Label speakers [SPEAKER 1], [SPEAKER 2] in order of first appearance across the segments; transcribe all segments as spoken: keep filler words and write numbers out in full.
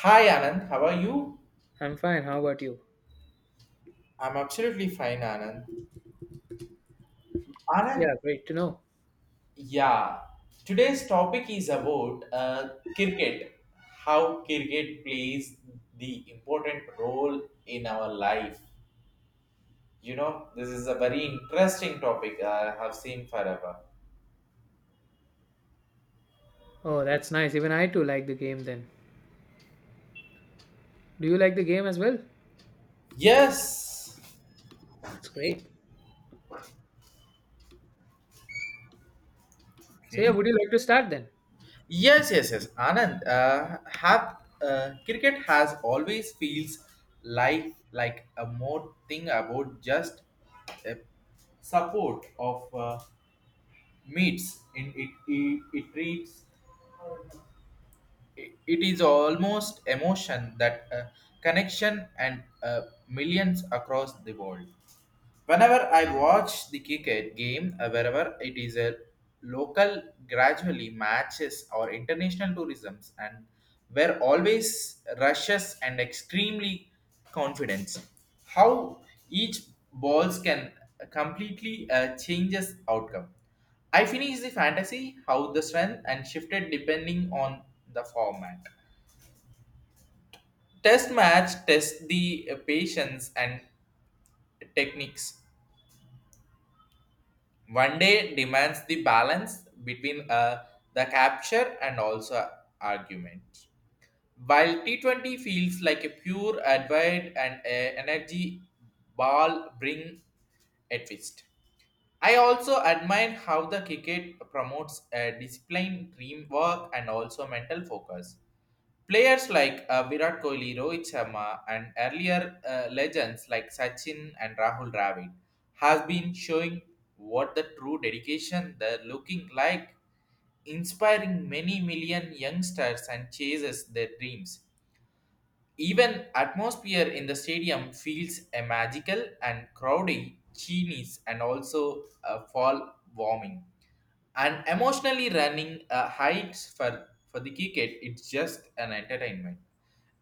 [SPEAKER 1] Hi Anand, how are you?
[SPEAKER 2] I'm fine. How about you?
[SPEAKER 1] I'm absolutely fine, Anand. Anand,
[SPEAKER 2] Yeah, great to know.
[SPEAKER 1] yeah. Today's topic is about uh, cricket. How cricket plays the important role in our life. You know, this is a very interesting topic I have seen forever.
[SPEAKER 2] Oh, that's nice. Even I too like the game then. Do you like the game as well?
[SPEAKER 1] Yes.
[SPEAKER 2] That's great. So, yeah,
[SPEAKER 1] Okay.
[SPEAKER 2] would you like to start then?
[SPEAKER 1] Yes, yes, yes. Anand, uh, have uh, cricket has always feels like like a more thing about just a support of uh, meets. In it, it, it treats it, it is almost emotion that uh, connection and uh, millions across the world. Whenever I watch the cricket game, uh, wherever it is a local gradually matches or international tourisms and were always rushes and extremely confidence. How each balls can completely uh, changes outcome. I finished the fantasy how the strength and shifted depending on the format. Test match test the uh, patience and techniques. One day demands the balance between uh, the capture and also argument. While T twenty feels like a pure advert and a energy ball bring a twist. I also admire how the cricket promotes a discipline, teamwork, and also mental focus. Players like uh, Virat Kohli, Rohit Sharma, and earlier uh, legends like Sachin and Rahul Dravid has been showing what the true dedication they're looking like, inspiring many million youngsters and chases their dreams. Even atmosphere in the stadium feels a magical and crowdy, genies and also a fall warming. And emotionally running uh, heights for, for the cricket, it's just an entertainment.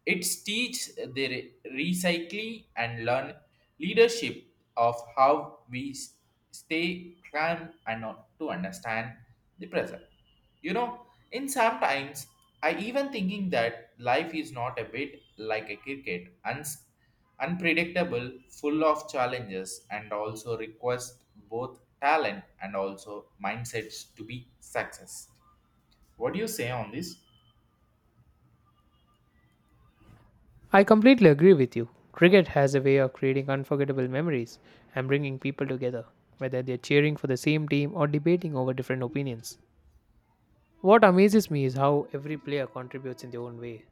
[SPEAKER 1] It's teach their recycling and learn leadership of how we s- stay calm and not to understand the present. You know, in sometimes I even thinking that life is not a bit like a cricket, uns- unpredictable, full of challenges, and also request both talent and also mindsets to be success. What do you say on this?
[SPEAKER 2] I completely agree with you. Cricket has a way of creating unforgettable memories and bringing people together, whether they're cheering for the same team or debating over different opinions. What amazes me is how every player contributes in their own way,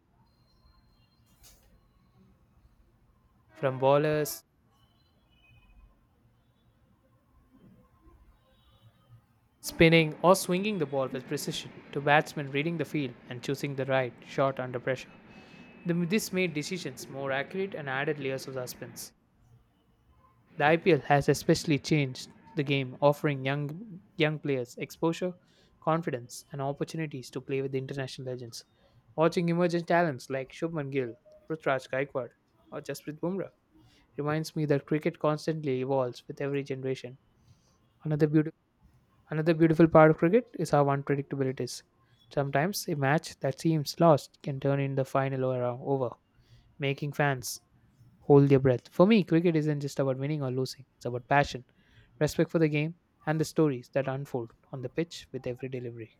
[SPEAKER 2] from bowlers spinning or swinging the ball with precision to batsmen reading the field and choosing the right shot under pressure. The, this made decisions more accurate and added layers of suspense. The I P L has especially changed the game, offering young young players exposure, confidence, and opportunities to play with the international legends. Watching emerging talents like Shubman Gill, Prithviraj Gaikwad, or Jasprit Bumrah reminds me that cricket constantly evolves with every generation. Another beautiful another beautiful part of cricket is how unpredictable it is. Sometimes a match that seems lost can turn in the final over, over making fans hold their breath. For me, cricket isn't just about winning or losing, it's about passion, respect for the game, and the stories that unfold on the pitch with every delivery.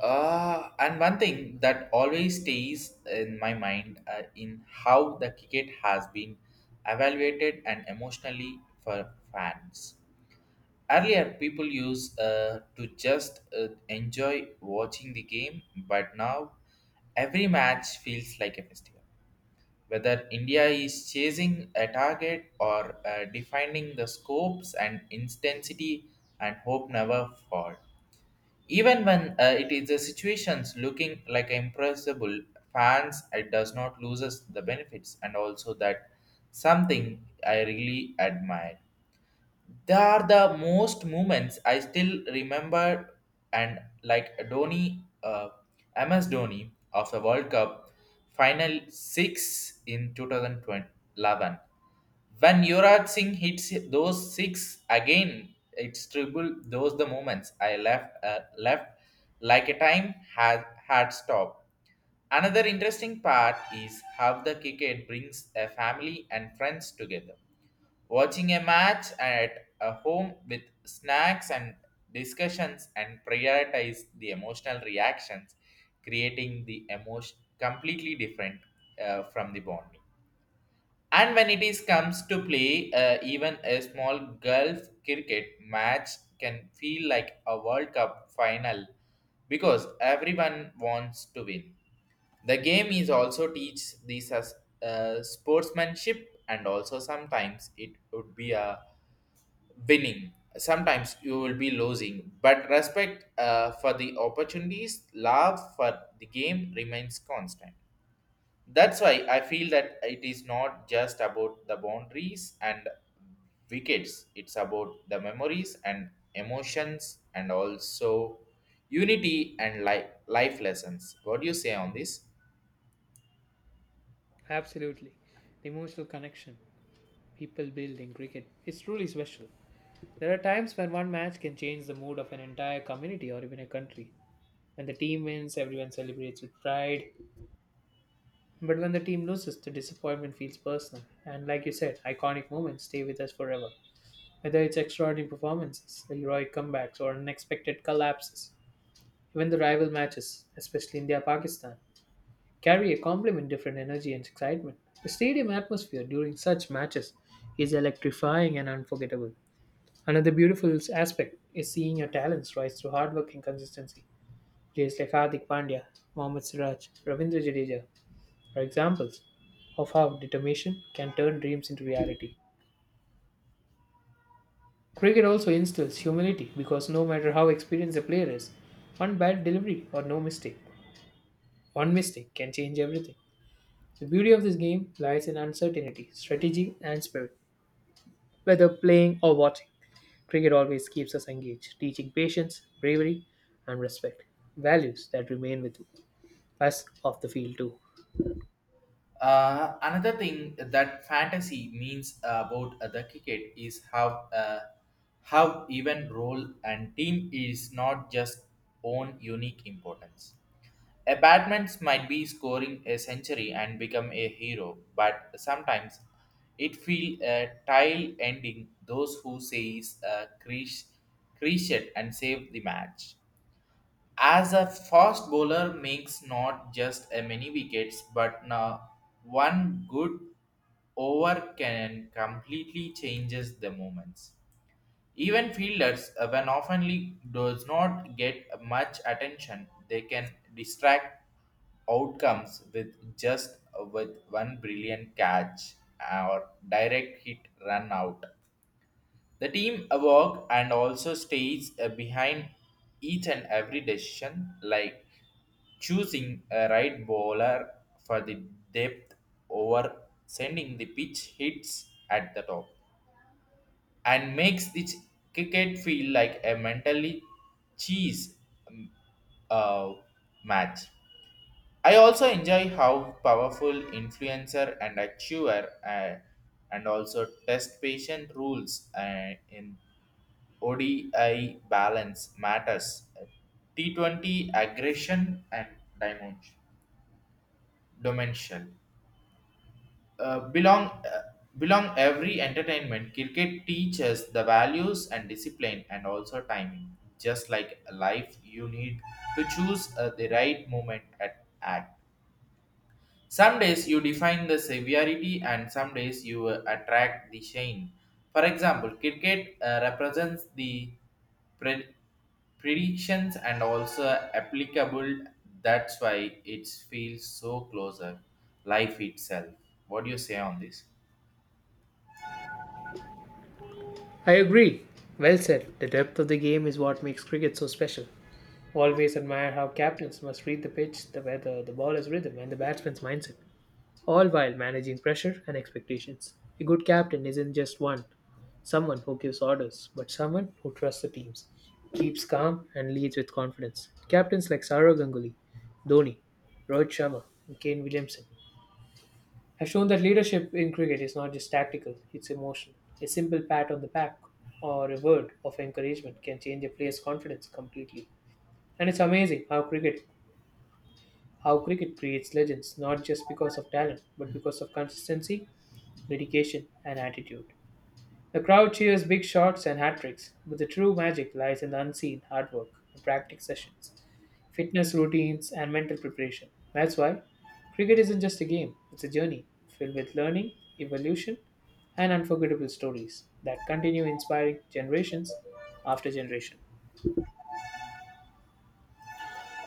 [SPEAKER 1] Uh, and one thing that always stays in my mind uh, in how the cricket has been evaluated and emotionally for fans. Earlier, people used uh, to just uh, enjoy watching the game, but now every match feels like a festival. Whether India is chasing a target or uh, defining the scopes and intensity and hope never fall even when uh, it is the situations looking like impossible, fans it does not loses the benefits and also that something I really admire. They are the most moments I still remember, and like Dhoni, uh, M S Dhoni of the World Cup final six in two thousand eleven. When Yuvraj Singh hits those six again, it's triple those the moments I left uh, left like a time had had stopped. Another interesting part is how the cricket brings a family and friends together. Watching a match at a home with snacks and discussions and prioritize the emotional reactions, creating the emotion completely different uh, from the bonding. And when it is comes to play, uh, even a small golf cricket match can feel like a World Cup final because everyone wants to win. The game is also teach these as uh, sportsmanship, and also sometimes it would be a winning. Sometimes you will be losing, but respect uh, for the opportunities, love for the game remains constant. That's why I feel that it is not just about the boundaries and wickets, it's about the memories and emotions and also unity and life, life lessons. What do you say on this?
[SPEAKER 2] Absolutely. The emotional connection people build in cricket is truly special. There are times when one match can change the mood of an entire community or even a country. When the team wins, everyone celebrates with pride. But when the team loses, the disappointment feels personal. And like you said, iconic moments stay with us forever. Whether it's extraordinary performances, heroic comebacks, or unexpected collapses, even the rival matches, especially India Pakistan, carry a complement different energy and excitement. The stadium atmosphere during such matches is electrifying and unforgettable. Another beautiful aspect is seeing your talents rise through hard work and consistency. Players like Hardik Pandya, Mohammad Siraj, Ravindra Jadeja, are examples of how determination can turn dreams into reality. Cricket also instills humility because no matter how experienced a player is, one bad delivery or no mistake, one mistake can change everything. The beauty of this game lies in uncertainty, strategy, and spirit. Whether playing or watching, cricket always keeps us engaged, teaching patience, bravery, and respect, values that remain with us off the field too.
[SPEAKER 1] Uh, another thing that fantasy means about uh, the cricket is how uh, how even role and team is not just own unique importance. A batsman might be scoring a century and become a hero, but sometimes it feels a tile ending those who says uh, crease, crease it and save the match. As a fast bowler makes not just a many wickets, but now one good over can completely changes the moments. Even fielders, uh, when oftenly does not get much attention, they can distract outcomes with just uh, with one brilliant catch uh, or direct hit run out. The team uh, work and also stays uh, behind each and every decision, like choosing a right bowler for the depth over sending the pitch hits at the top and makes its cricket feel like a mentally cheese um, uh, match. I also enjoy how powerful influencer and achiever uh, and also test patient rules uh, in O D I balance matters. T twenty aggression and dimension. dimension. uh, belong uh, belong every entertainment cricket teaches the values and discipline and also timing, just like life. You need to choose uh, the right moment at act. Some days you define the severity and some days you uh, attract the shame. For example, cricket uh, represents the pred- predictions and also applicable. That's why it feels so closer life itself. What do you say on this?
[SPEAKER 2] I agree. Well said. The depth of the game is what makes cricket so special. Always admire how captains must read the pitch, the weather, the baller's rhythm, and the batsman's mindset, all while managing pressure and expectations. A good captain isn't just one, someone who gives orders, but someone who trusts the teams, keeps calm, and leads with confidence. Captains like Saurav Ganguly, Dhoni, Rohit Sharma, and Kane Williamson has shown that leadership in cricket is not just tactical, it's emotional. A simple pat on the back or a word of encouragement can change a player's confidence completely. And it's amazing how cricket how cricket creates legends not just because of talent but because of consistency, dedication and attitude. The crowd cheers big shots and hat tricks, but the true magic lies in the unseen hard work and practice sessions, fitness routines, and mental preparation. That's why cricket isn't just a game, it's a journey filled with learning, evolution, and unforgettable stories that continue inspiring generations after generation.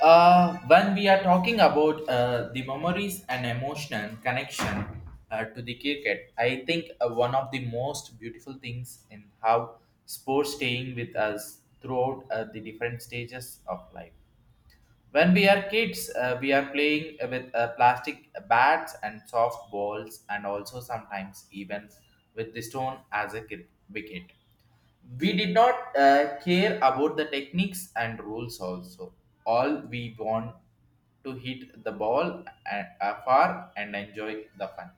[SPEAKER 1] Uh, when we are talking about uh, the memories and emotional connection uh, to the cricket, I think uh, one of the most beautiful things in how sports staying with us throughout uh, the different stages of life. When we are kids, uh, we are playing with uh, plastic bats and soft balls, and also sometimes even with the stone as a cri- wicket. We did not uh, care about the techniques and rules also all we want to hit the ball a- uh, far and enjoy the fun.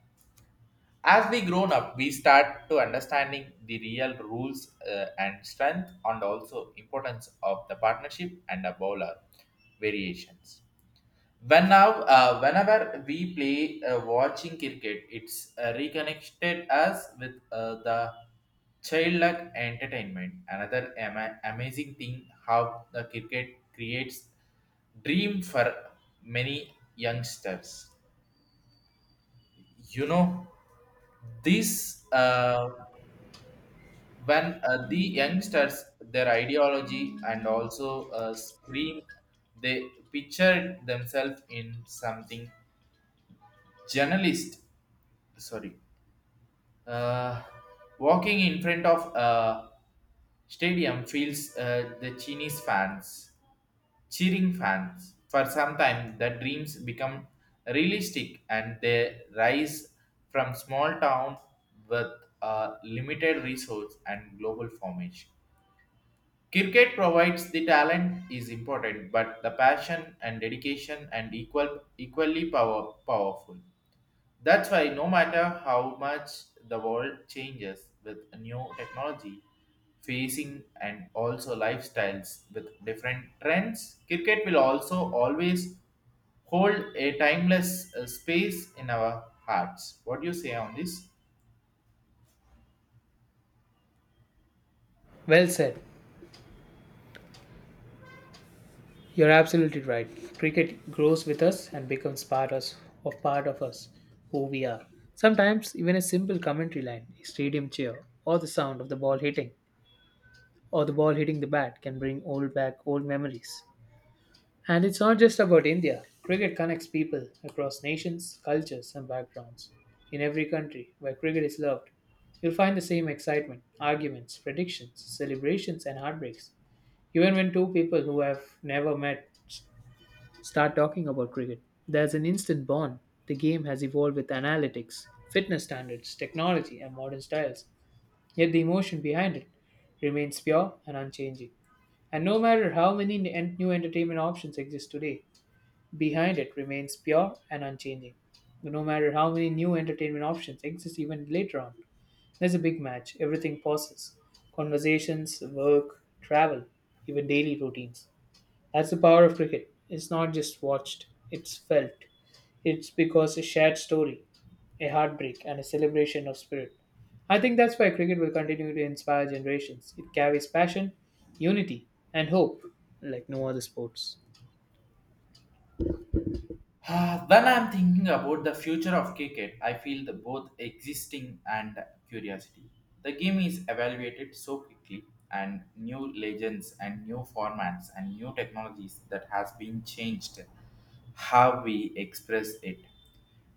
[SPEAKER 1] As we grown up, we start to understanding the real rules uh, and strength and also importance of the partnership and the bowler variations. When now uh, whenever we play uh, watching cricket, it's uh, reconnected us with uh, the childlike entertainment. Another ama- amazing thing how the cricket creates dream for many youngsters. You know, this uh, when uh, the youngsters their ideology and also uh, scream they picture themselves in something journalist, sorry, uh, walking in front of a stadium feels uh, the chinese fans cheering fans for some time. The dreams become realistic and they rise from small town with a limited resource and global formation. Cricket provides the talent is important but the passion and dedication and equal equally power, powerful. That's why, no matter how much the world changes with new technology, facing and also lifestyles with different trends, cricket will also always hold a timeless uh, space in our hearts. What do you say on this?
[SPEAKER 2] Well said. You're absolutely right. Cricket grows with us and becomes part us of part of us, who we are. Sometimes even a simple commentary line, a stadium cheer, or the sound of the ball hitting, or the ball hitting the bat can bring old back old memories. And it's not just about India. Cricket connects people across nations, cultures, and backgrounds. In every country where cricket is loved, you'll find the same excitement, arguments, predictions, celebrations, and heartbreaks. Even when two people who have never met s- start talking about cricket, there's an instant bond. The game has evolved with analytics, fitness standards, technology, and modern styles. Yet the emotion behind it remains pure and unchanging. And no matter how many n- new entertainment options exist today, behind it remains pure and unchanging, no matter how many new entertainment options exist even later on. There's a big match, everything pauses: conversations, work, travel, even daily routines. That's the power of cricket. It's not just watched, it's felt. It's because a shared story, a heartbreak, and a celebration of spirit. I think that's why cricket will continue to inspire generations. It carries passion, unity, and hope like no other sports.
[SPEAKER 1] Ah, when I'm thinking about the future of cricket, I feel the both existing and curiosity. The game is evaluated so quickly, and new legends and new formats and new technologies that has been changed how we express it.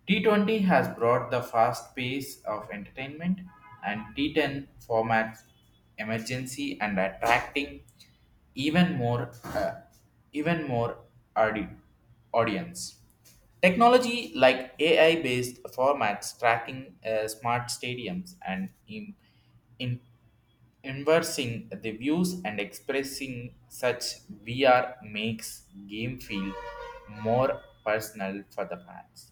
[SPEAKER 1] T twenty has brought the fast pace of entertainment and T ten formats emergency and attracting even more uh, even more audi- audience. Technology like A I based formats tracking uh, smart stadiums and in, in inversing the views and expressing such V R makes game feel more personal for the fans.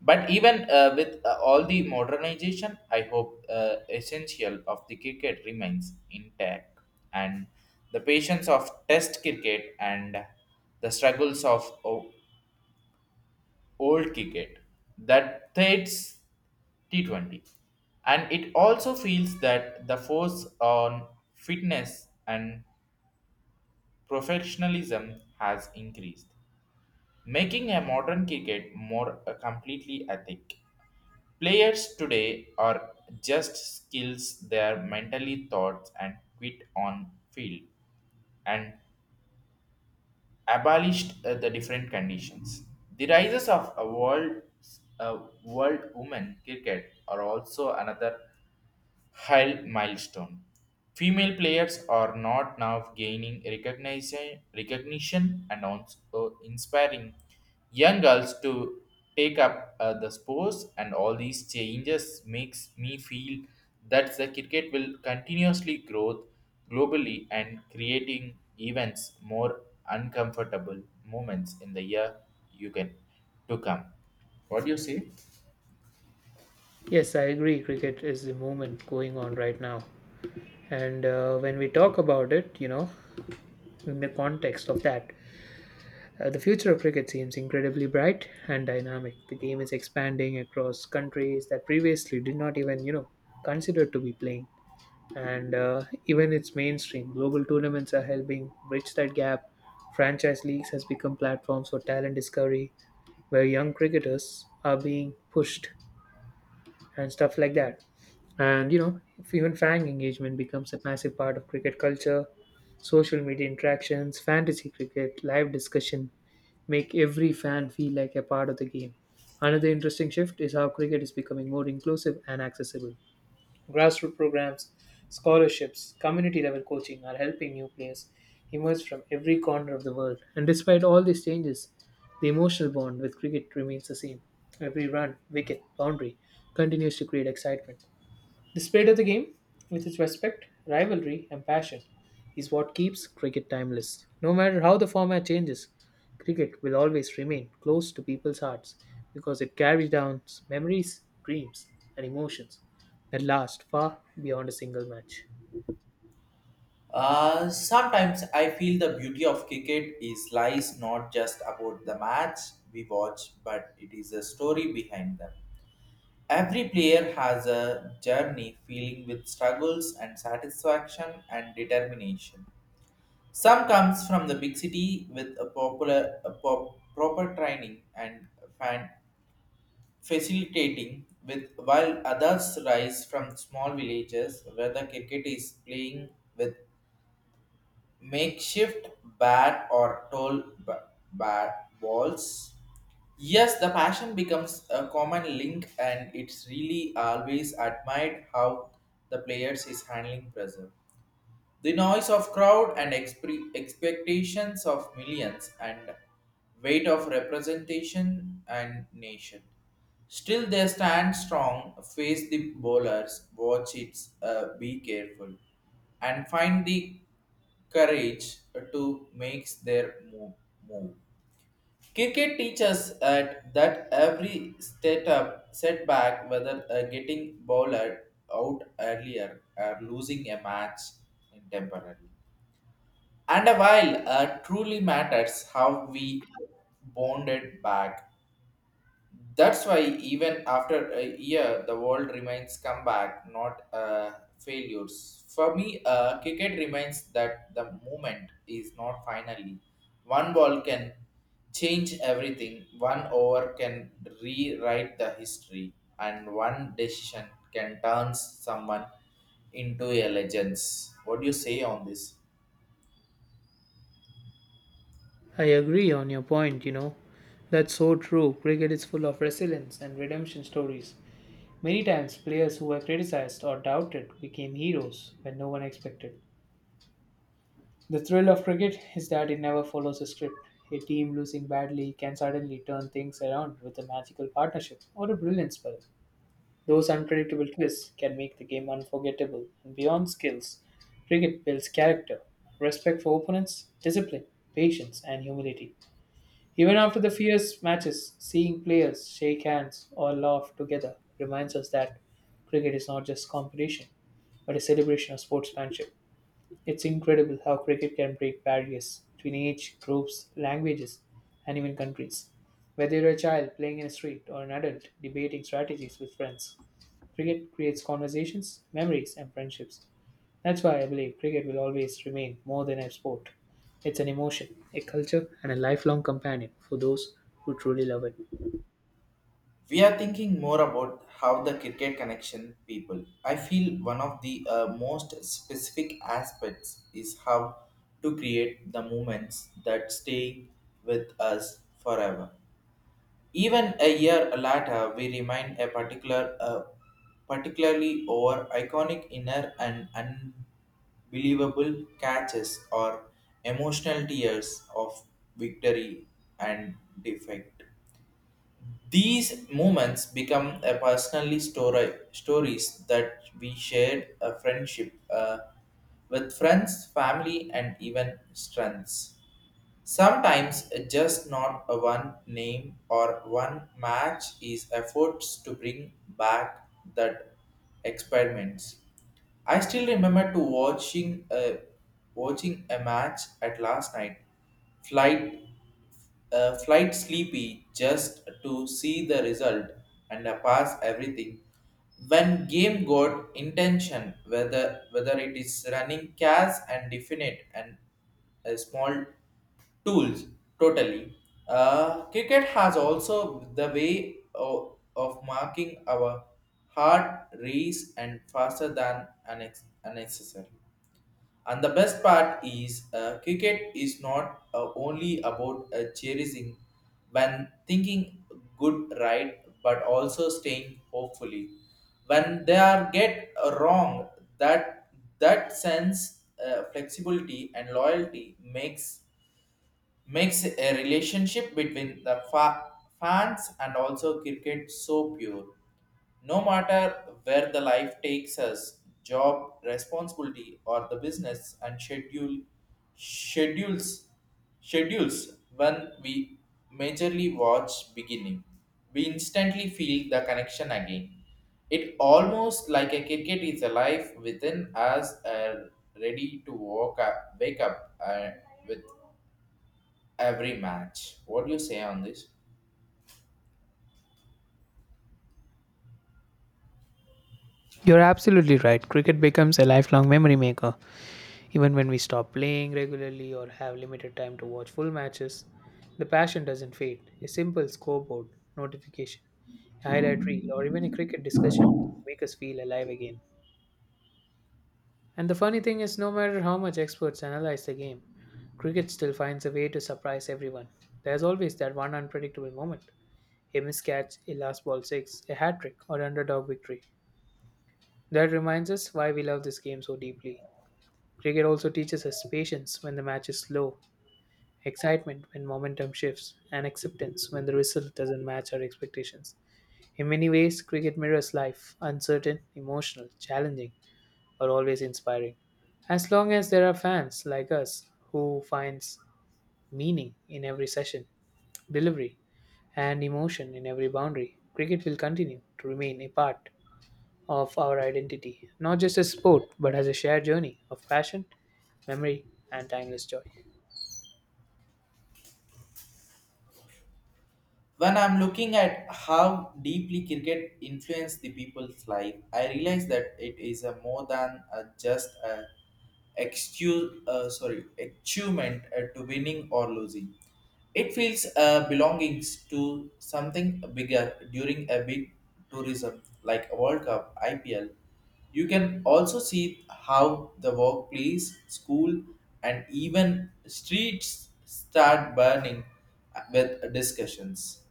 [SPEAKER 1] But even uh, with uh, all the modernization, I hope uh, essential of the cricket remains intact, and the patience of Test cricket and the struggles of o- old cricket that threats T twenty, and it also feels that the force on fitness and professionalism has increased, making a modern cricket more uh, completely ethic. Players today are just skills their mentally thoughts and quit on field and abolished uh, the different conditions. The rises of a world uh, world women cricket are also another high milestone. Female players are not now gaining recognition, recognition and also inspiring young girls to take up uh, the sports and all these changes makes me feel that the cricket will continuously grow globally and creating events more uncomfortable moments in the year you can to come. What do you say?
[SPEAKER 2] Yes, I agree. Cricket is the movement going on right now. And uh, when we talk about it, you know, in the context of that, uh, the future of cricket seems incredibly bright and dynamic. The game is expanding across countries that previously did not even, you know, consider to be playing. And uh, even its mainstream global tournaments are helping bridge that gap. Franchise leagues has become platforms for talent discovery, where young cricketers are being pushed and stuff like that. And you know, if even fan engagement becomes a massive part of cricket culture, social media interactions, fantasy cricket, live discussion make every fan feel like a part of the game. Another interesting shift is how cricket is becoming more inclusive and accessible. Grassroots programs, scholarships, community level coaching are helping new players emerge from every corner of the world. And despite all these changes, the emotional bond with cricket remains the same. Every run, wicket, boundary continues to create excitement. The spirit of the game, with its respect, rivalry, and passion, is what keeps cricket timeless. No matter how the format changes, cricket will always remain close to people's hearts because it carries down memories, dreams, and emotions that last far beyond a single match.
[SPEAKER 1] Uh, sometimes I feel the beauty of cricket is lies not just about the match we watch, but it is a story behind them. Every player has a journey feeling with struggles and satisfaction and determination. Some comes from the big city with a popular a pop, proper training and fan facilitating with while others rise from small villages where the cricket is playing with makeshift bat or toll b- bat balls. Yes, the passion becomes a common link, and it's really always admired how the players is handling pressure. The noise of crowd and expre- expectations of millions and weight of representation and nation. Still they stand strong, face the bowlers, watch it, uh, be careful, and find the courage to make their move. move. Cricket teaches at that every setup setback, whether uh, getting bowler out earlier or losing a match temporarily, and a while uh, truly matters how we bonded back. That's why even after a year, the world remains comeback, not uh, failures. For me, uh, cricket remains that the moment is not finally. One ball can change everything. One over can rewrite the history, and one decision can turn someone into a legend. What do you say on this?
[SPEAKER 2] I agree on your point, you know. That's so true. Cricket is full of resilience and redemption stories. Many times, players who were criticized or doubted became heroes when no one expected. The thrill of cricket is that it never follows a script. A team losing badly can suddenly turn things around with a magical partnership or a brilliant spell. Those unpredictable twists can make the game unforgettable, and beyond skills, cricket builds character, respect for opponents, discipline, patience, and humility. Even after the fierce matches, seeing players shake hands or laugh together reminds us that cricket is not just competition, but a celebration of sportsmanship. It's incredible how cricket can break barriers between age, groups, languages, and even countries. Whether you're a child playing in a street or an adult debating strategies with friends, cricket creates conversations, memories, and friendships. That's why I believe cricket will always remain more than a sport. It's an emotion, a culture, and a lifelong companion for those who truly love it.
[SPEAKER 1] We are thinking more about how the cricket connection people. I feel one of the uh, most specific aspects is how to create the moments that stay with us forever. Even a year later, we remind a particular, uh, particularly over iconic inner and unbelievable catches or emotional tears of victory and defeat. These moments become a personally story, stories that we shared a friendship uh, with friends, family, and even strengths. Sometimes uh, just not a one name or one match is efforts to bring back that experiments. I still remember to watching a watching a match at last night flight a flight sleepy just to see the result and a pass everything. When game got intention, whether whether it is running cas and definite and a small tools totally. Uh, cricket has also the way of, of marking our heart race and faster than an unnecessary. And the best part is, uh, cricket is not uh, only about uh, cherishing when thinking good right, but also staying hopefully. When they are get uh, wrong, that that sense uh, flexibility and loyalty makes makes a relationship between the fa- fans and also cricket so pure. No matter where the life takes us, job, responsibility, or the business and schedule schedules schedules when we majorly watch beginning, we instantly feel the connection again. It almost like a cricket is alive within us, uh, ready to walk up, wake up uh, with every match. What do you say on this?
[SPEAKER 2] You're absolutely right. Cricket becomes a lifelong memory maker. Even when we stop playing regularly or have limited time to watch full matches, the passion doesn't fade. A simple scoreboard, notification, a highlight reel, or even a cricket discussion can make us feel alive again. And the funny thing is, no matter how much experts analyze the game, cricket still finds a way to surprise everyone. There's always that one unpredictable moment, a miscatch, a last ball six, a hat trick, or underdog victory. That reminds us why we love this game so deeply. Cricket also teaches us patience when the match is slow, excitement when momentum shifts, and acceptance when the result doesn't match our expectations. In many ways, cricket mirrors life: uncertain, emotional, challenging, but always inspiring. As long as there are fans like us who finds meaning in every session, delivery, and emotion in every boundary, cricket will continue to remain a part of our identity, not just as sport, but as a shared journey of passion, memory, and timeless joy.
[SPEAKER 1] When I'm looking at how deeply cricket influenced the people's life, I realize that it is a more than a, just a excuse, uh, sorry, achievement uh, to winning or losing. It feels uh, belongings to something bigger during a big tourism like World Cup, I P L. You can also see how the workplace, school, and even streets start burning with discussions.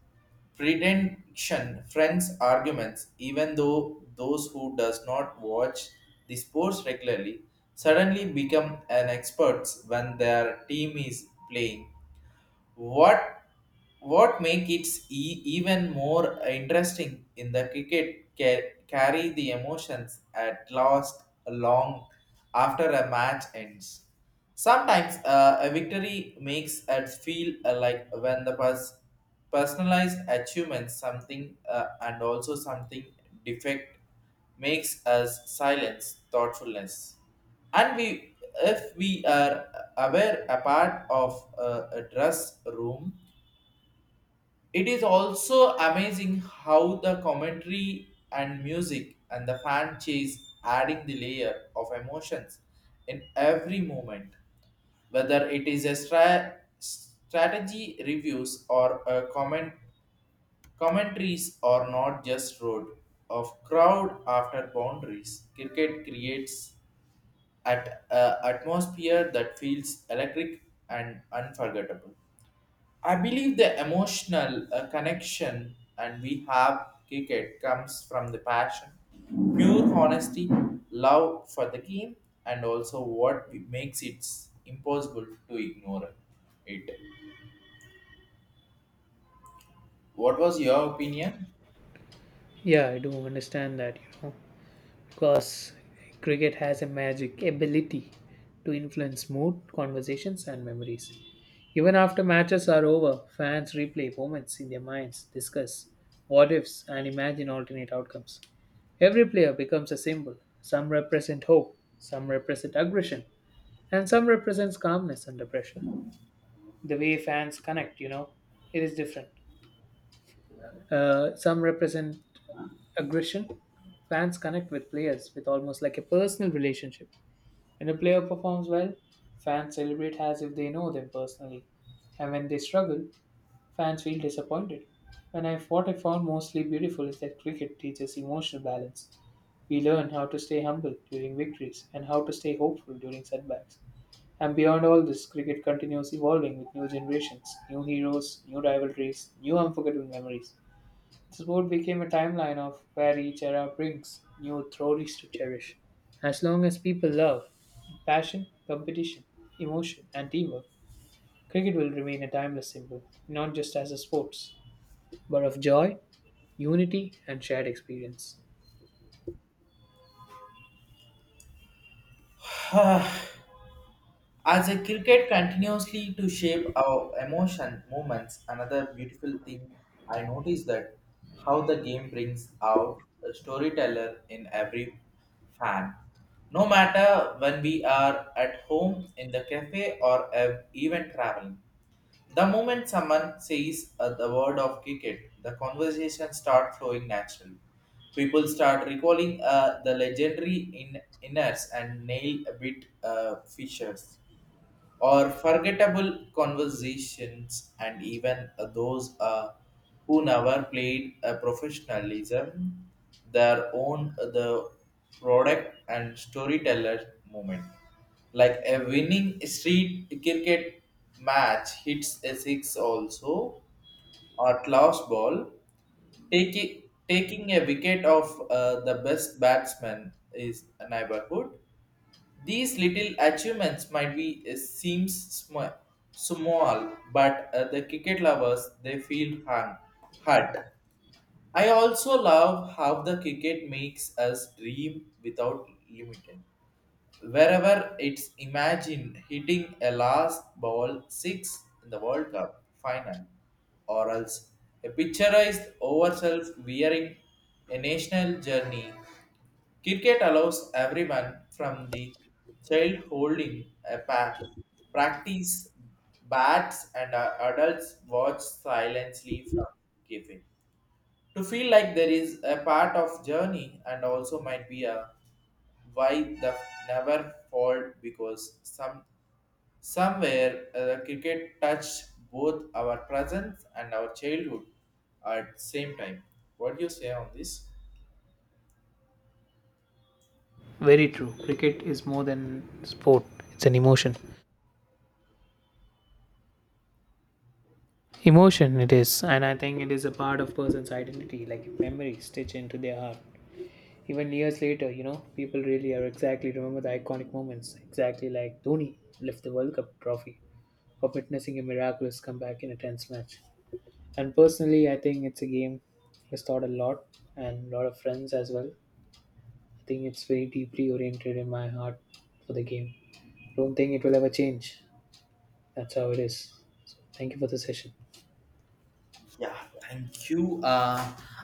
[SPEAKER 1] Pretension, friends' arguments, even though those who does not watch the sports regularly suddenly become an experts when their team is playing what what make it e- even more interesting in the cricket ca- carry the emotions at last long after a match ends. Sometimes uh, a victory makes us feel uh, like when the pers- personalized achievements something uh, and also something defect makes us silence, thoughtfulness. And we, if we are aware a part of a, a dress room, it is also amazing how the commentary and music and the fan chase adding the layer of emotions in every moment whether it is a stra- strategy reviews or a comment. Commentaries are not just road of crowd after boundaries. Cricket creates at a atmosphere that feels electric and unforgettable. I believe the emotional uh, connection and we have cricket comes from the passion, pure honesty, love for the game, and also what makes it impossible to ignore it. What was your opinion?
[SPEAKER 2] Yeah, I do understand that, you know. Because cricket has a magic ability to influence mood, conversations, and memories. Even after matches are over, fans replay moments in their minds, discuss what ifs, and imagine alternate outcomes. Every player becomes a symbol. Some represent hope, some represent aggression, and some represents calmness under pressure. The way fans connect, you know, it is different. Uh, some represent aggression. Fans connect with players with almost like a personal relationship. When a player performs well, fans celebrate as if they know them personally. And when they struggle, fans feel disappointed. When I, what I found mostly beautiful is that cricket teaches emotional balance. We learn how to stay humble during victories and how to stay hopeful during setbacks. And beyond all this, cricket continues evolving with new generations, new heroes, new rivalries, new unforgettable memories. This board became a timeline of where each era brings new theories to cherish. As long as people love passion, competition, emotion, and teamwork, cricket will remain a timeless symbol, not just as a sport, but of joy, unity, and shared experience.
[SPEAKER 1] As a cricket continuously to shape our emotion movements, another beautiful thing I noticed that how the game brings out a storyteller in every fan. No matter when we are at home, in the cafe, or uh, even traveling, the moment someone says uh, the word of cricket, the conversation start flowing naturally. People start recalling uh, the legendary in- inners and nail bit uh, fishers or forgettable conversations and even uh, those uh, who never played a professionalism their own uh, the product and storyteller moment like a winning street cricket match hits a six also or last ball taking taking a wicket of uh, the best batsman is a neighborhood these little achievements might be uh, seems sm- small, but uh, the cricket lovers they feel hung, hurt. I also love how the cricket makes us dream without limiting. Wherever it's imagined hitting a last ball six in the World Cup final, or else a picturized overself wearing a national journey. Cricket allows everyone from the child holding a pack, practice bats and uh, adults watch silently from giving. To feel like there is a part of journey and also might be a why the never fall because some somewhere uh, the cricket touched both our presence and our childhood at same time. What do you say on this?
[SPEAKER 2] Very true. Cricket is more than sport. It's an emotion. Emotion it is, and I think it is a part of person's identity, like memories stitched into their heart. Even years later, you know, people really are exactly remember the iconic moments, exactly like Dhoni left the World Cup trophy or witnessing a miraculous comeback in a tense match. And personally, I think it's a game that's taught a lot and a lot of friends as well. I think it's very deeply oriented in my heart for the game. Don't think it will ever change. That's how it is. So thank you for the session.
[SPEAKER 1] Yeah, thank you. Uh,